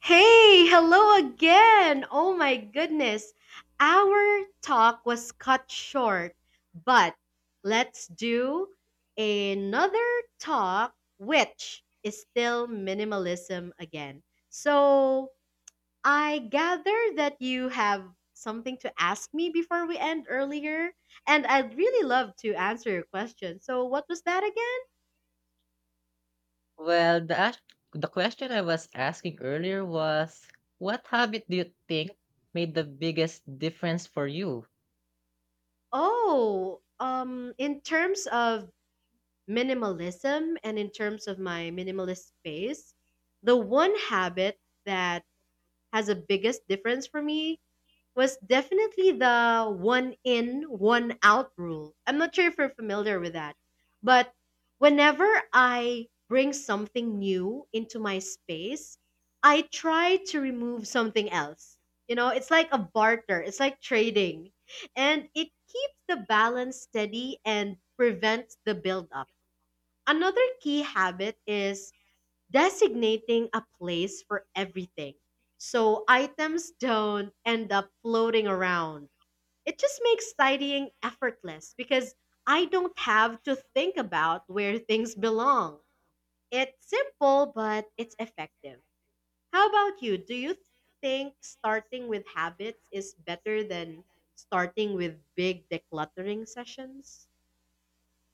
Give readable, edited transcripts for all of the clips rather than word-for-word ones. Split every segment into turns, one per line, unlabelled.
Hey, hello again! Oh my goodness. Our talk was cut short, but let's do another talk, which is still minimalism again. So I gather that you have something to ask me before we end earlier, and I'd really love to answer your question. So, what was that again?
Well, the question I was asking earlier was, what habit do you think made the biggest difference for you?
Oh, in terms of minimalism and in terms of my minimalist space, the one habit that has a biggest difference for me was definitely the one in, one out rule. I'm not sure if you're familiar with that, but whenever I bring something new into my space, I try to remove something else. You know, it's like a barter, it's like trading, and it keeps the balance steady and prevents the buildup. Another key habit is designating a place for everything. So items don't end up floating around. It just makes tidying effortless because I don't have to think about where things belong. It's simple, but it's effective. How about you? Do you think starting with habits is better than starting with big decluttering sessions?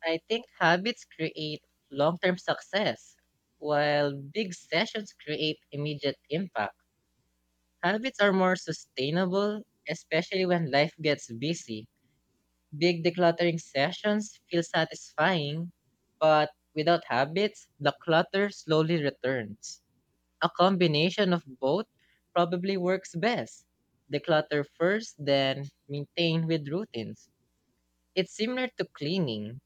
I think habits create long-term success, while big sessions create immediate impact. Habits are more sustainable, especially when life gets busy. Big decluttering sessions feel satisfying, but without habits, the clutter slowly returns. A combination of both probably works best. Declutter first, then maintain with routines. It's similar to cleaning,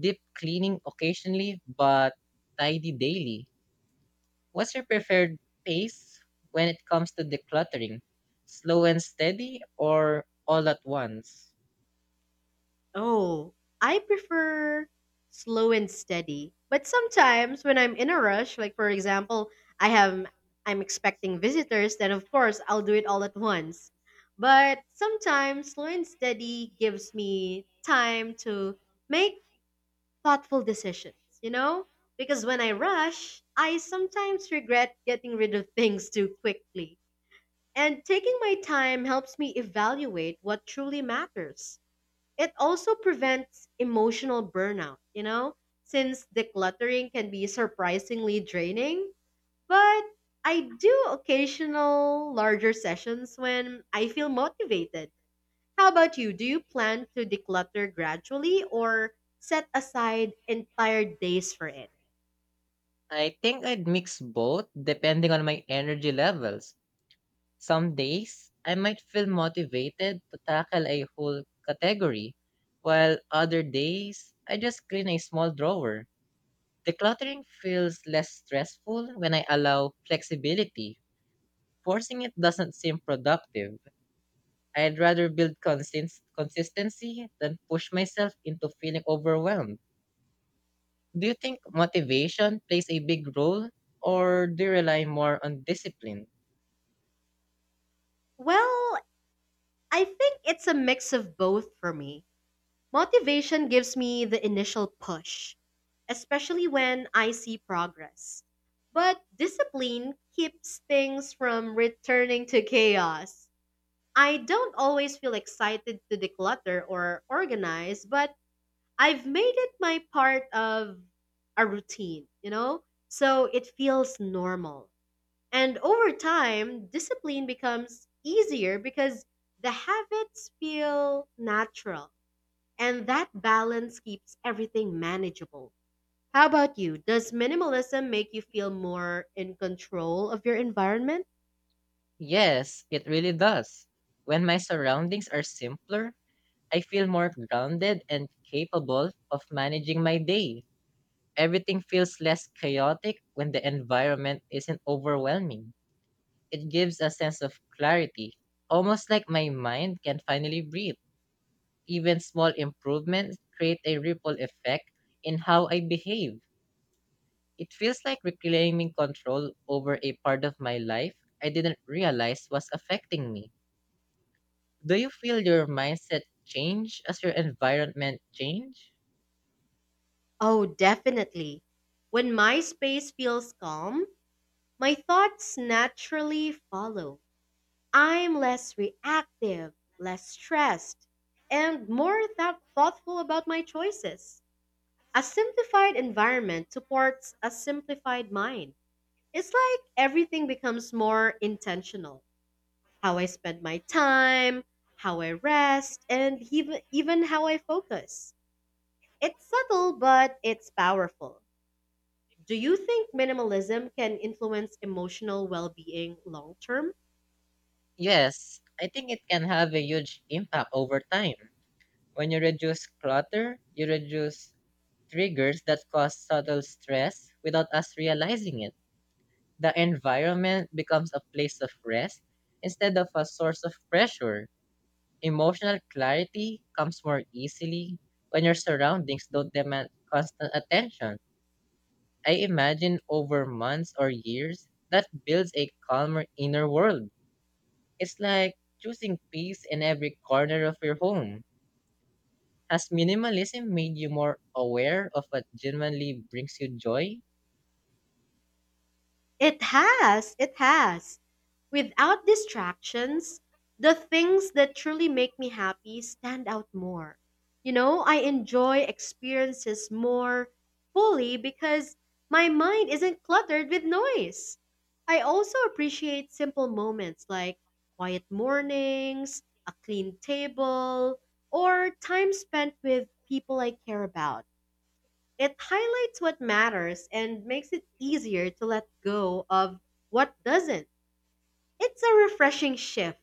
deep cleaning occasionally, but tidy daily. What's your preferred pace when it comes to decluttering? Slow and steady or all at once?
Oh, I prefer slow and steady. But sometimes when I'm in a rush, like for example, I have I'm expecting visitors, then of course I'll do it all at once. But sometimes slow and steady gives me time to make thoughtful decisions, you know? Because when I rush, I sometimes regret getting rid of things too quickly. And taking my time helps me evaluate what truly matters. It also prevents emotional burnout, you know, since decluttering can be surprisingly draining. But I do occasional larger sessions when I feel motivated. How about you? Do you plan to declutter gradually or set aside entire days for it?
I think I'd mix both depending on my energy levels. Some days, I might feel motivated to tackle a whole category, while other days, I just clean a small drawer. Decluttering feels less stressful when I allow flexibility. Forcing it doesn't seem productive. I'd rather build consistency than push myself into feeling overwhelmed. Do you think motivation plays a big role, or do you rely more on discipline?
Well, I think it's a mix of both for me. Motivation gives me the initial push, especially when I see progress. But discipline keeps things from returning to chaos. I don't always feel excited to declutter or organize, but I've made it my part of a routine, you know? So it feels normal. And over time, discipline becomes easier because the habits feel natural. And that balance keeps everything manageable. How about you? Does minimalism make you feel more in control of your environment?
Yes, it really does. When my surroundings are simpler, I feel more grounded and capable of managing my day. Everything feels less chaotic when the environment isn't overwhelming. It gives a sense of clarity, almost like my mind can finally breathe. Even small improvements create a ripple effect in how I behave. It feels like reclaiming control over a part of my life I didn't realize was affecting me. Do you feel your mindset change as your environment change?
Oh, definitely. When my space feels calm, my thoughts naturally follow. I'm less reactive, less stressed, and more thoughtful about my choices. A simplified environment supports a simplified mind. It's like everything becomes more intentional. How I spend my time, how I rest, and even how I focus. It's subtle, but it's powerful. Do you think minimalism can influence emotional well being long term?
Yes, I think it can have a huge impact over time. When you reduce clutter, you reduce triggers that cause subtle stress without us realizing it. The environment becomes a place of rest instead of a source of pressure. Emotional clarity comes more easily when your surroundings don't demand constant attention. I imagine over months or years, that builds a calmer inner world. It's like choosing peace in every corner of your home. Has minimalism made you more aware of what genuinely brings you joy?
It has, it has. Without distractions, the things that truly make me happy stand out more. You know, I enjoy experiences more fully because my mind isn't cluttered with noise. I also appreciate simple moments like quiet mornings, a clean table, or time spent with people I care about. It highlights what matters and makes it easier to let go of what doesn't. It's a refreshing shift,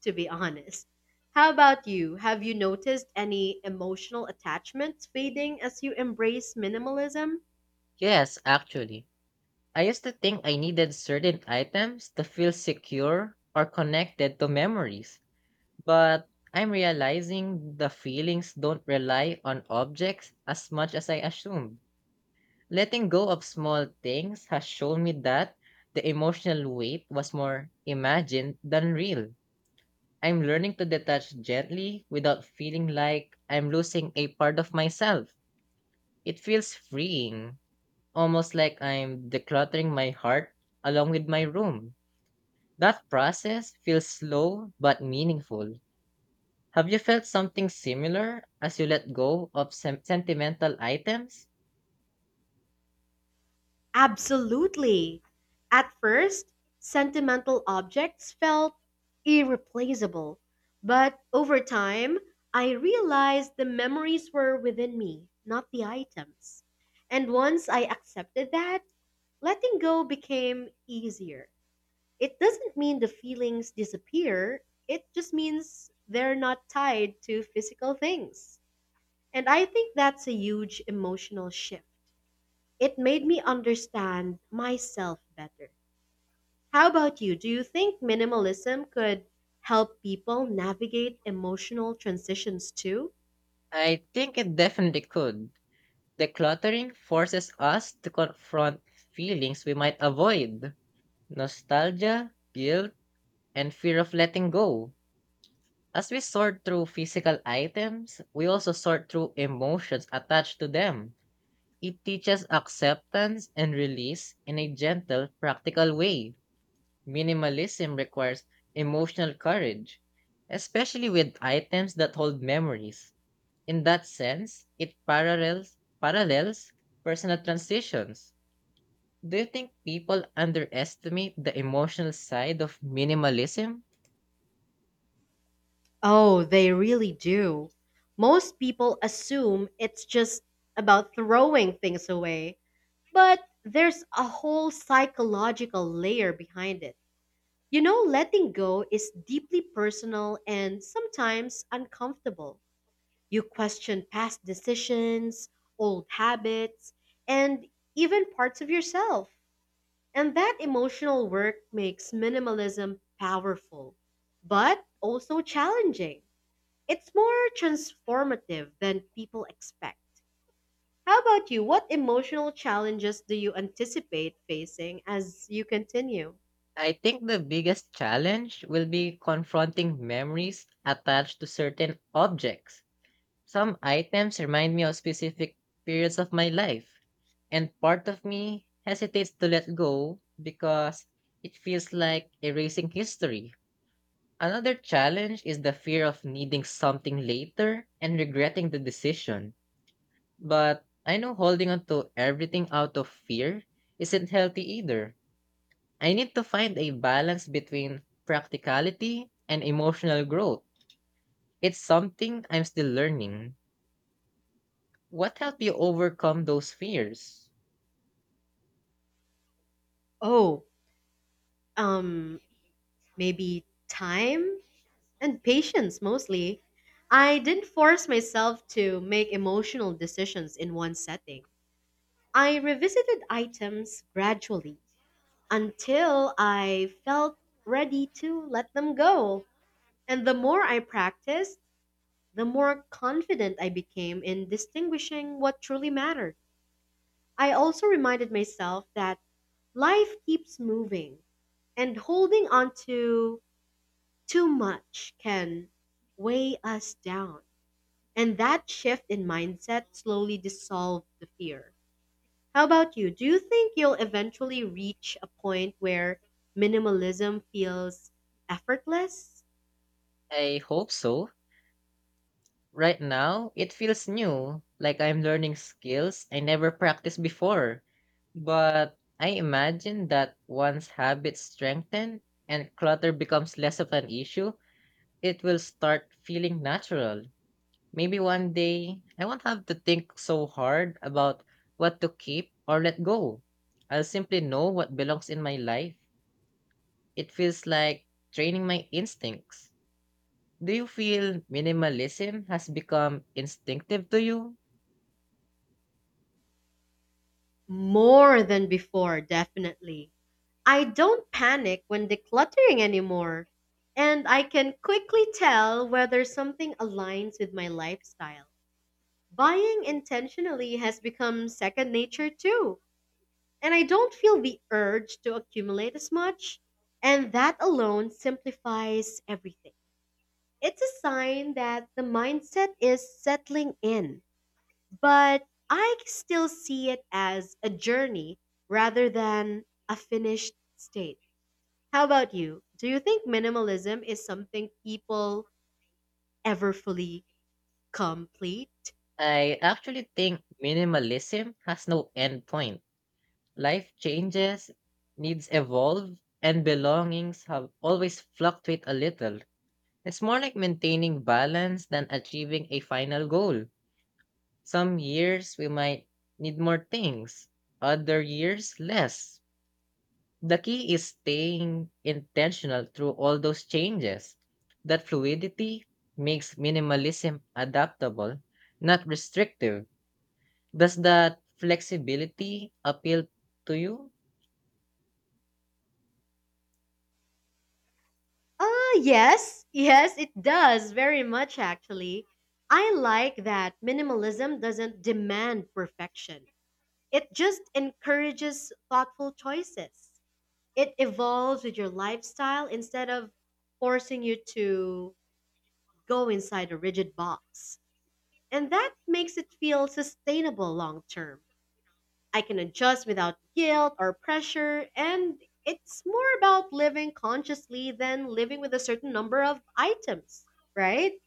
to be honest. How about you? Have you noticed any emotional attachments fading as you embrace minimalism?
Yes, actually. I used to think I needed certain items to feel secure or connected to memories. But I'm realizing the feelings don't rely on objects as much as I assumed. Letting go of small things has shown me that the emotional weight was more imagined than real. I'm learning to detach gently without feeling like I'm losing a part of myself. It feels freeing, almost like I'm decluttering my heart along with my room. That process feels slow but meaningful. Have you felt something similar as you let go of sentimental items?
Absolutely. At first, sentimental objects felt irreplaceable, but over time, I realized the memories were within me, not the items. And once I accepted that, letting go became easier. It doesn't mean the feelings disappear. It just means they're not tied to physical things. And I think that's a huge emotional shift. It made me understand myself better. How about you? Do you think minimalism could help people navigate emotional transitions too?
I think it definitely could. Decluttering forces us to confront feelings we might avoid nostalgia, guilt, and fear of letting go. As we sort through physical items, we also sort through emotions attached to them. It teaches acceptance and release in a gentle, practical way. Minimalism requires emotional courage, especially with items that hold memories. In that sense, it parallels personal transitions. Do you think people underestimate the emotional side of minimalism?
Oh, they really do. Most people assume it's just about throwing things away, but there's a whole psychological layer behind it. You know, letting go is deeply personal and sometimes uncomfortable. You question past decisions, old habits, and even parts of yourself. And that emotional work makes minimalism powerful, but also challenging. It's more transformative than people expect. How about you? What emotional challenges do you anticipate facing as you continue?
I think the biggest challenge will be confronting memories attached to certain objects. Some items remind me of specific periods of my life, and part of me hesitates to let go because it feels like erasing history. Another challenge is the fear of needing something later and regretting the decision. But I know holding on to everything out of fear isn't healthy either. I need to find a balance between practicality and emotional growth. It's something I'm still learning. What helped you overcome those fears?
Oh, um, maybe time and patience mostly. I didn't force myself to make emotional decisions in one setting. I revisited items gradually until I felt ready to let them go. And the more I practiced, the more confident I became in distinguishing what truly mattered. I also reminded myself that life keeps moving and holding on to too much can weigh us down. And that shift in mindset slowly dissolved the fear. How about you? Do you think you'll eventually reach a point where minimalism feels effortless?
I hope so. Right now, it feels new, like I'm learning skills I never practiced before. But I imagine that once habits strengthen and clutter becomes less of an issue, it will start feeling natural. Maybe one day I won't have to think so hard about what to keep or let go. I'll simply know what belongs in my life. It feels like training my instincts. Do you feel minimalism has become instinctive to you?
More than before, definitely. I don't panic when decluttering anymore, and I can quickly tell whether something aligns with my lifestyle. Buying intentionally has become second nature too, and I don't feel the urge to accumulate as much, and that alone simplifies everything. It's a sign that the mindset is settling in, but I still see it as a journey rather than a finished state. How about you? Do you think minimalism is something people ever fully complete?
I actually think minimalism has no end point. Life changes, needs evolve, and belongings have always fluctuate a little. It's more like maintaining balance than achieving a final goal. Some years we might need more things, other years less. The key is staying intentional through all those changes. That fluidity makes minimalism adaptable, not restrictive. Does that flexibility appeal to you?
Uh, yes. Yes, it does. Very much, actually. I like that minimalism doesn't demand perfection, it just encourages thoughtful choices. It evolves with your lifestyle instead of forcing you to go inside a rigid box. And that makes it feel sustainable long term. I can adjust without guilt or pressure, and it's more about living consciously than living with a certain number of items, right?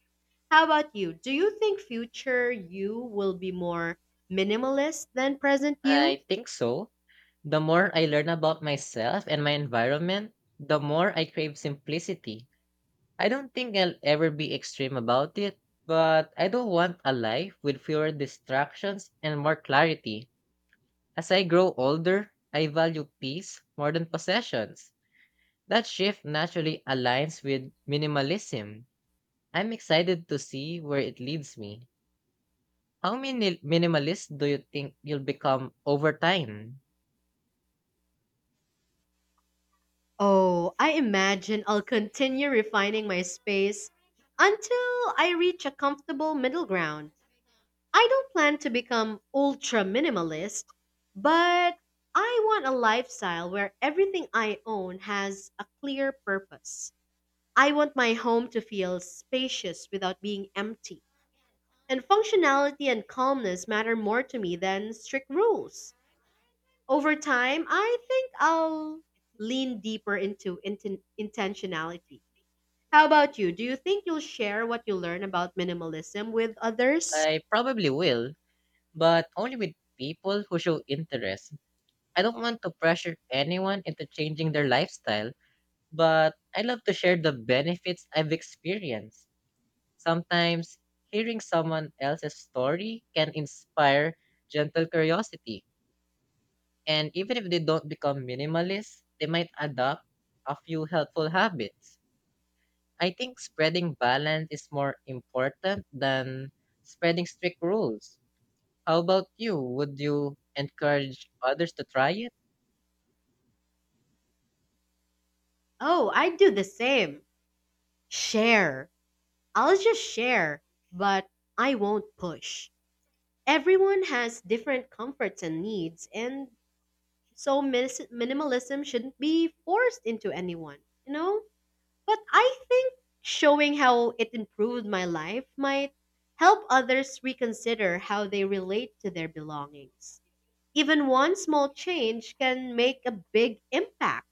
How about you? Do you think future you will be more minimalist than present you?
I think so. The more I learn about myself and my environment, the more I crave simplicity. I don't think I'll ever be extreme about it, but I do want a life with fewer distractions and more clarity. As I grow older, I value peace more than possessions. That shift naturally aligns with minimalism. I'm excited to see where it leads me. How many minimalist do you think you'll become over time?
Oh, I imagine I'll continue refining my space until I reach a comfortable middle ground. I don't plan to become ultra minimalist, but I want a lifestyle where everything I own has a clear purpose. I want my home to feel spacious without being empty. And functionality and calmness matter more to me than strict rules. Over time, I think I'll lean deeper into intentionality. How about you? Do you think you'll share what you learn about minimalism with others?
I probably will, but only with people who show interest. I don't want to pressure anyone into changing their lifestyle, but I love to share the benefits I've experienced. Sometimes hearing someone else's story can inspire gentle curiosity. And even if they don't become minimalists, they might adopt a few helpful habits. I think spreading balance is more important than spreading strict rules. How about you? Would you encourage others to try it?
Oh, I do the same. Share. I'll just share, but I won't push. Everyone has different comforts and needs, and so minimalism shouldn't be forced into anyone, you know? But I think showing how it improved my life might help others reconsider how they relate to their belongings. Even one small change can make a big impact.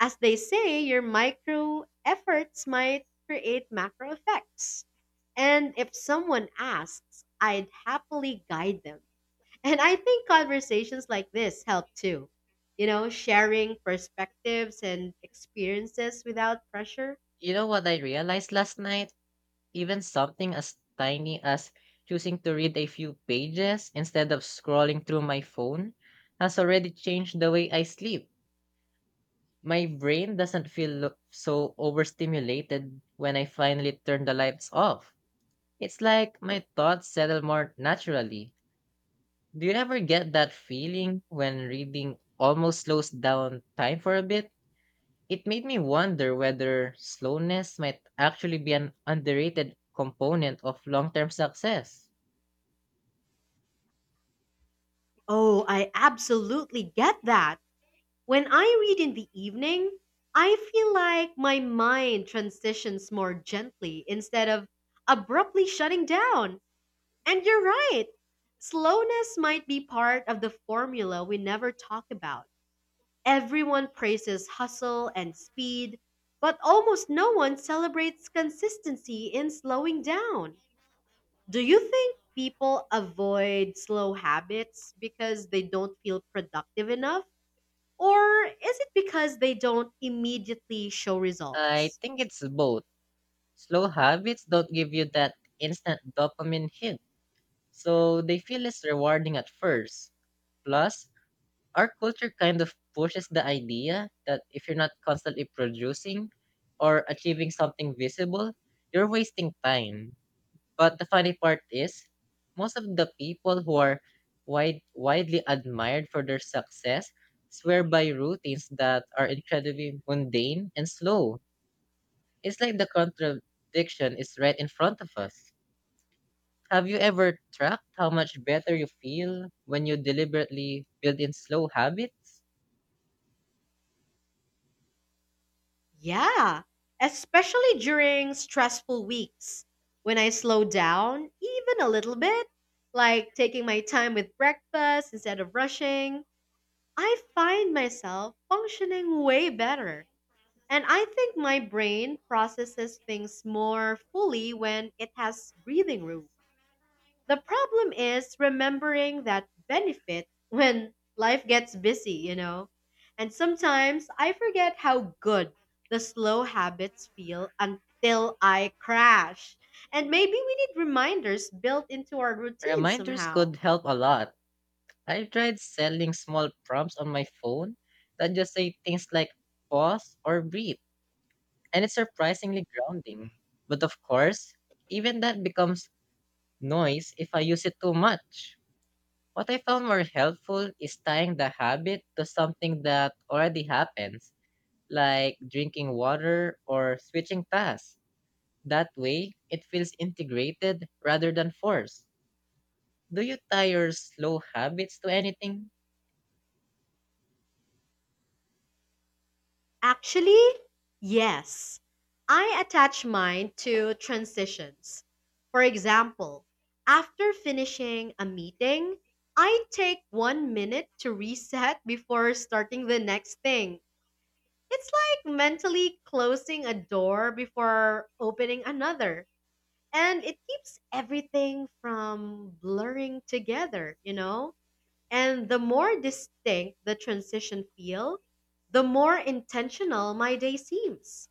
As they say, your micro efforts might create macro effects. And if someone asks, I'd happily guide them. And I think conversations like this help too. You know, sharing perspectives and experiences without pressure.
You know what I realized last night? Even something as tiny as choosing to read a few pages instead of scrolling through my phone has already changed the way I sleep. My brain doesn't feel so overstimulated when I finally turn the lights off. It's like my thoughts settle more naturally. Do you ever get that feeling when reading almost slows down time for a bit? It made me wonder whether slowness might actually be an underrated component of long term success.
Oh, I absolutely get that. When I read in the evening, I feel like my mind transitions more gently instead of abruptly shutting down. And you're right. Slowness might be part of the formula we never talk about. Everyone praises hustle and speed, but almost no one celebrates consistency in slowing down. Do you think people avoid slow habits because they don't feel productive enough? Or is it because they don't immediately show
I
results?
think it's both. Slow habits don't give you that instant dopamine hit, so they feel less rewarding at first. Plus, our culture kind of pushes the idea that if you're not constantly producing or achieving something visible, you're wasting time. But the funny part is, most of the people who are widely admired for their success swear by routines that are incredibly mundane and slow. It's like the contradiction is right in front of us. Have you ever tracked how much better you feel when you deliberately build in slow habits?
Yeah, especially during stressful weeks when I slow down even a little bit, like taking my time with breakfast instead of rushing, I find myself functioning way better. And I think my brain processes things more fully when it has breathing room. The problem is remembering that benefit when life gets busy, you know? And sometimes I forget how good the slow habits feel until I crash. And maybe we need reminders built into our routine
Reminders
somehow.
could help a lot. I tried selling small prompts on my phone that just say things like pause or breathe, and it's surprisingly grounding. But of course, even that becomes noise if I use it too much. What I found more helpful is tying the habit to something that already happens like drinking water or switching tasks. That way, it feels integrated rather than forced. Do you tie your slow habits to anything?
Actually, yes. I attach mine to transitions. For example, after finishing a meeting, I take 1 minute to reset before starting the next thing. It's like mentally closing a door before opening another. And it keeps everything from blurring together, you know? And the more distinct the transition feel, the more intentional my day seems.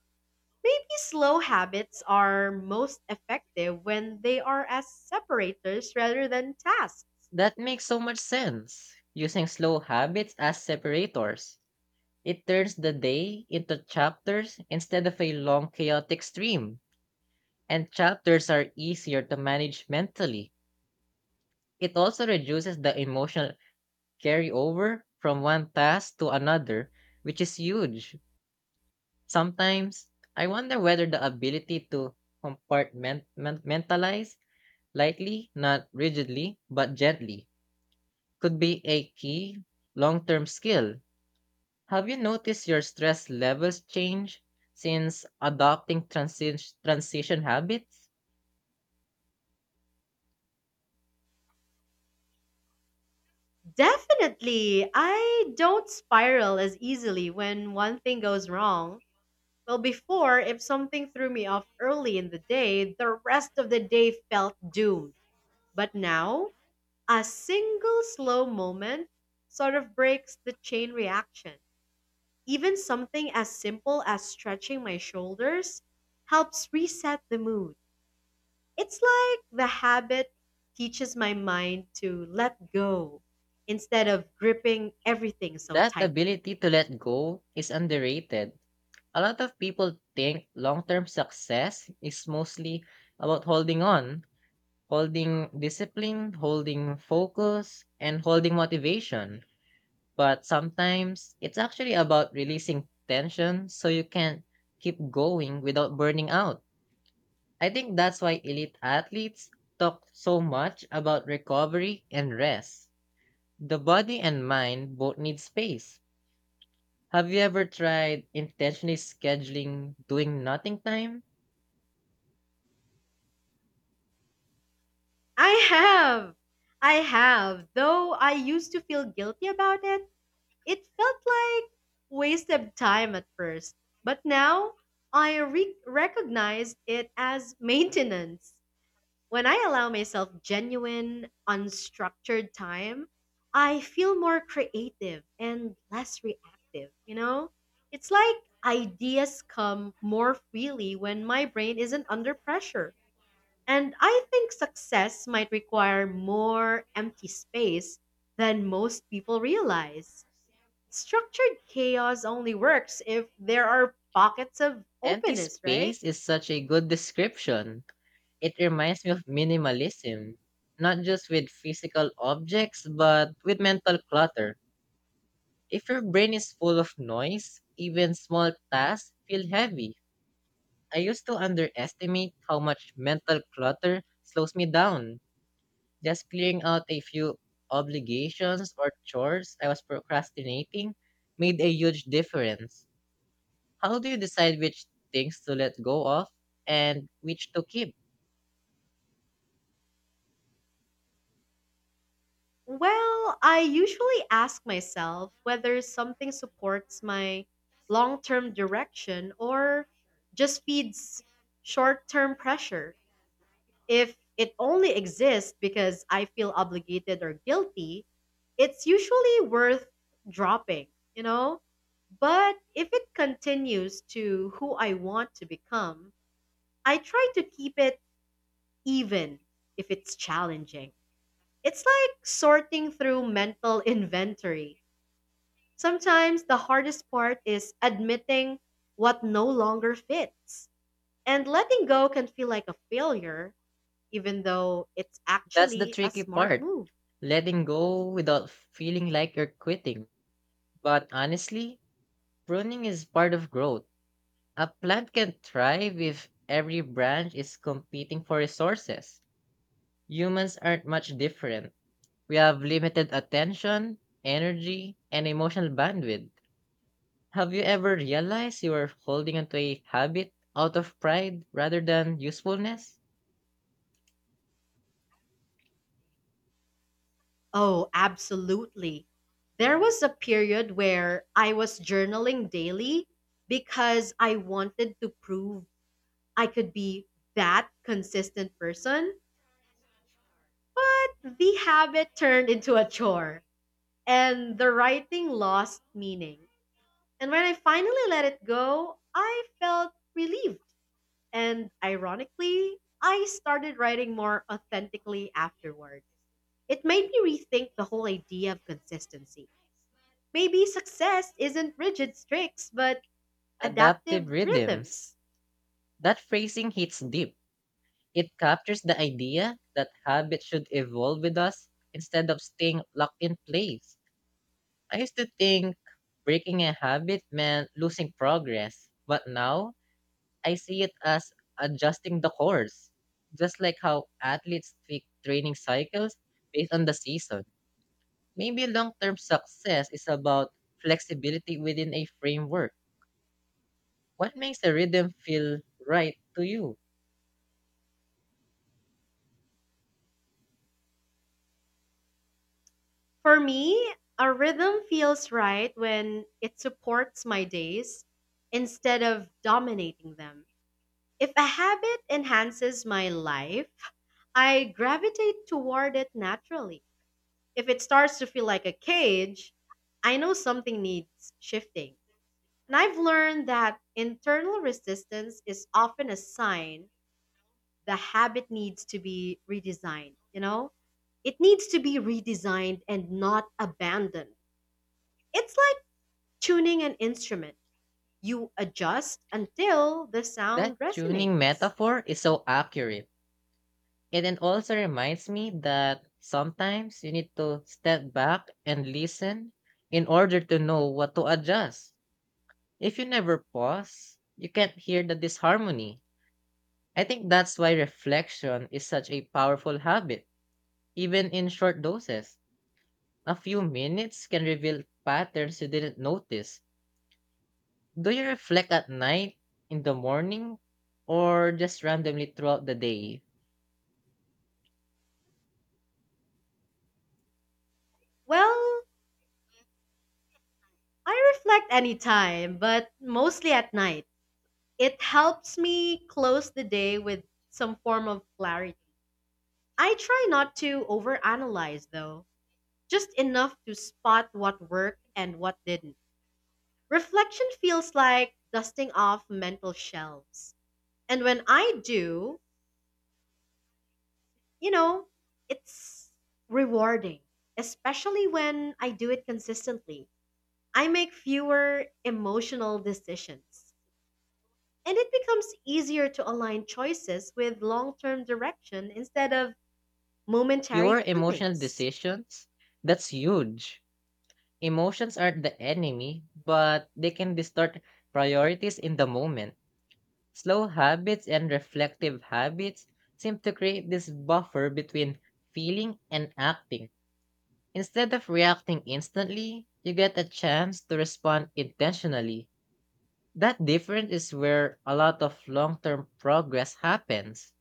Maybe slow habits are most effective when they are as separators rather than tasks.
That makes so much sense. Using slow habits as separators. It turns the day into chapters instead of a long chaotic stream. And chapters are easier to manage mentally. It also reduces the emotional carryover from one task to another, which is huge. Sometimes I wonder whether the ability to compartmentalize lightly, not rigidly, but gently, could be a key long term skill. Have you noticed your stress levels change since adopting transition habits?
Definitely, I don't spiral as easily when one thing goes wrong. Well, before, if something threw me off early in the day, the rest of the day felt doomed. But now, a single slow moment sort of breaks the chain reaction. Even something as simple as stretching my shoulders helps reset the mood. It's like the habit teaches my mind to let go instead of gripping everything so
That
tightly.
ability to let go is underrated. A lot of people think long term success is mostly about holding on, holding discipline, holding focus, and holding motivation. But sometimes it's actually about releasing tension so you can keep going without burning out. I think that's why elite athletes talk so much about recovery and rest. The body and mind both need space. Have you ever tried intentionally scheduling doing nothing time?
I have! I have, though I used to feel guilty about it. It felt like wasted time at first, but now I recognize it as maintenance. When I allow myself genuine, unstructured time, I feel more creative and less reactive, you know? It's like ideas come more freely when my brain isn't under pressure. And I think success might require more empty space than most people realize. Structured chaos only works if there are pockets of
Empty
openness, right?
space is such a good description. It reminds me of minimalism, not just with physical objects, but with mental clutter. If your brain is full of noise, even small tasks feel heavy. I used to underestimate how much mental clutter slows me down. Just clearing out a few obligations or chores I was procrastinating made a huge difference. How do you decide which things to let go of and which to keep?
Well, I usually ask myself whether something supports my long term direction or just feeds short term pressure. If it only exists because I feel obligated or guilty, it's usually worth dropping, you know? But if it continues to who I want to become, I try to keep it even if it's challenging. It's like sorting through mental inventory. Sometimes the hardest part is admitting what no longer fits. And letting go can feel like a failure, even though it's
That's the
actually a
tricky
smart
part
move.
letting go without feeling like you're quitting. But honestly, pruning is part of growth. A plant can thrive if every branch is competing for resources. Humans aren't much different. We have limited attention, energy, and emotional bandwidth. Have you ever realized you are holding onto a habit out of pride rather than usefulness?
Oh, absolutely. There was a period where I was journaling daily because I wanted to prove I could be that consistent person. The habit turned into a chore, and the writing lost meaning. And when I finally let it go, I felt relieved. And ironically, I started writing more authentically afterward. It made me rethink the whole idea of consistency. Maybe success isn't rigid streaks, but
Adaptive
adaptive
rhythms.
rhythms.
That phrasing hits deep. It captures the idea that habits should evolve with us instead of staying locked in place. I used to think breaking a habit meant losing progress, but now I see it as adjusting the course, just like how athletes tweak training cycles based on the season. Maybe long term success is about flexibility within a framework. What makes a rhythm feel right to you?
For me, a rhythm feels right when it supports my days instead of dominating them. If a habit enhances my life, I gravitate toward it naturally. If it starts to feel like a cage, I know something needs shifting. And I've learned that internal resistance is often a sign the habit needs to be redesigned, you know? It needs to be redesigned and not abandoned. It's like tuning an instrument. You adjust until the
That
sound
tuning
resonates.
metaphor is so accurate. And it also reminds me that sometimes you need to step back and listen in order to know what to adjust. If you never pause, you can't hear the disharmony. I think that's why reflection is such a powerful habit, even in short doses. A few minutes can reveal patterns you didn't notice. Do you reflect at night, in the morning, or just randomly throughout the day?
Well, I reflect anytime, but mostly at night. It helps me close the day with some form of clarity. I try not to overanalyze, though, just enough to spot what worked and what didn't. Reflection feels like dusting off mental shelves. And when I do, you know, it's rewarding, especially when I do it consistently. I make fewer emotional decisions. And it becomes easier to align choices with long term direction instead of
Fewer
momentary
emotional
feelings.
decisions? That's huge. Emotions aren't the enemy, but they can distort priorities in the moment. Slow habits and reflective habits seem to create this buffer between feeling and acting. Instead of reacting instantly, you get a chance to respond intentionally. That difference is where a lot of long term progress happens.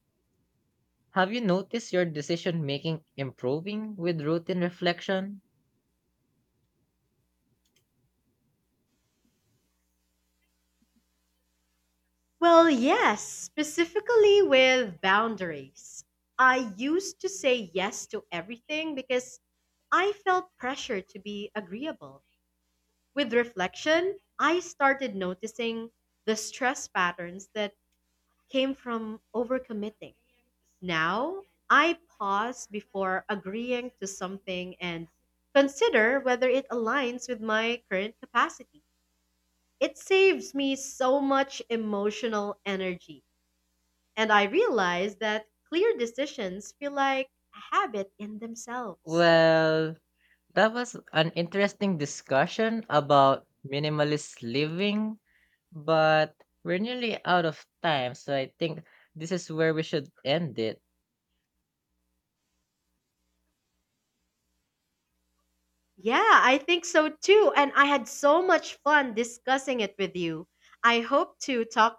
Have you noticed your decision making improving with routine reflection?
Well, yes, specifically with boundaries. I used to say yes to everything because I felt pressure to be agreeable. With reflection, I started noticing the stress patterns that came from overcommitting. Now, I pause before agreeing to something and consider whether it aligns with my current capacity. It saves me so much emotional energy, and I realize that clear decisions feel like a habit in themselves.
Well, that was an interesting discussion about minimalist living, but we're nearly out of time, so I think this is where we should end it.
Yeah, I think so too, and I had so much fun discussing it with you. I hope to talk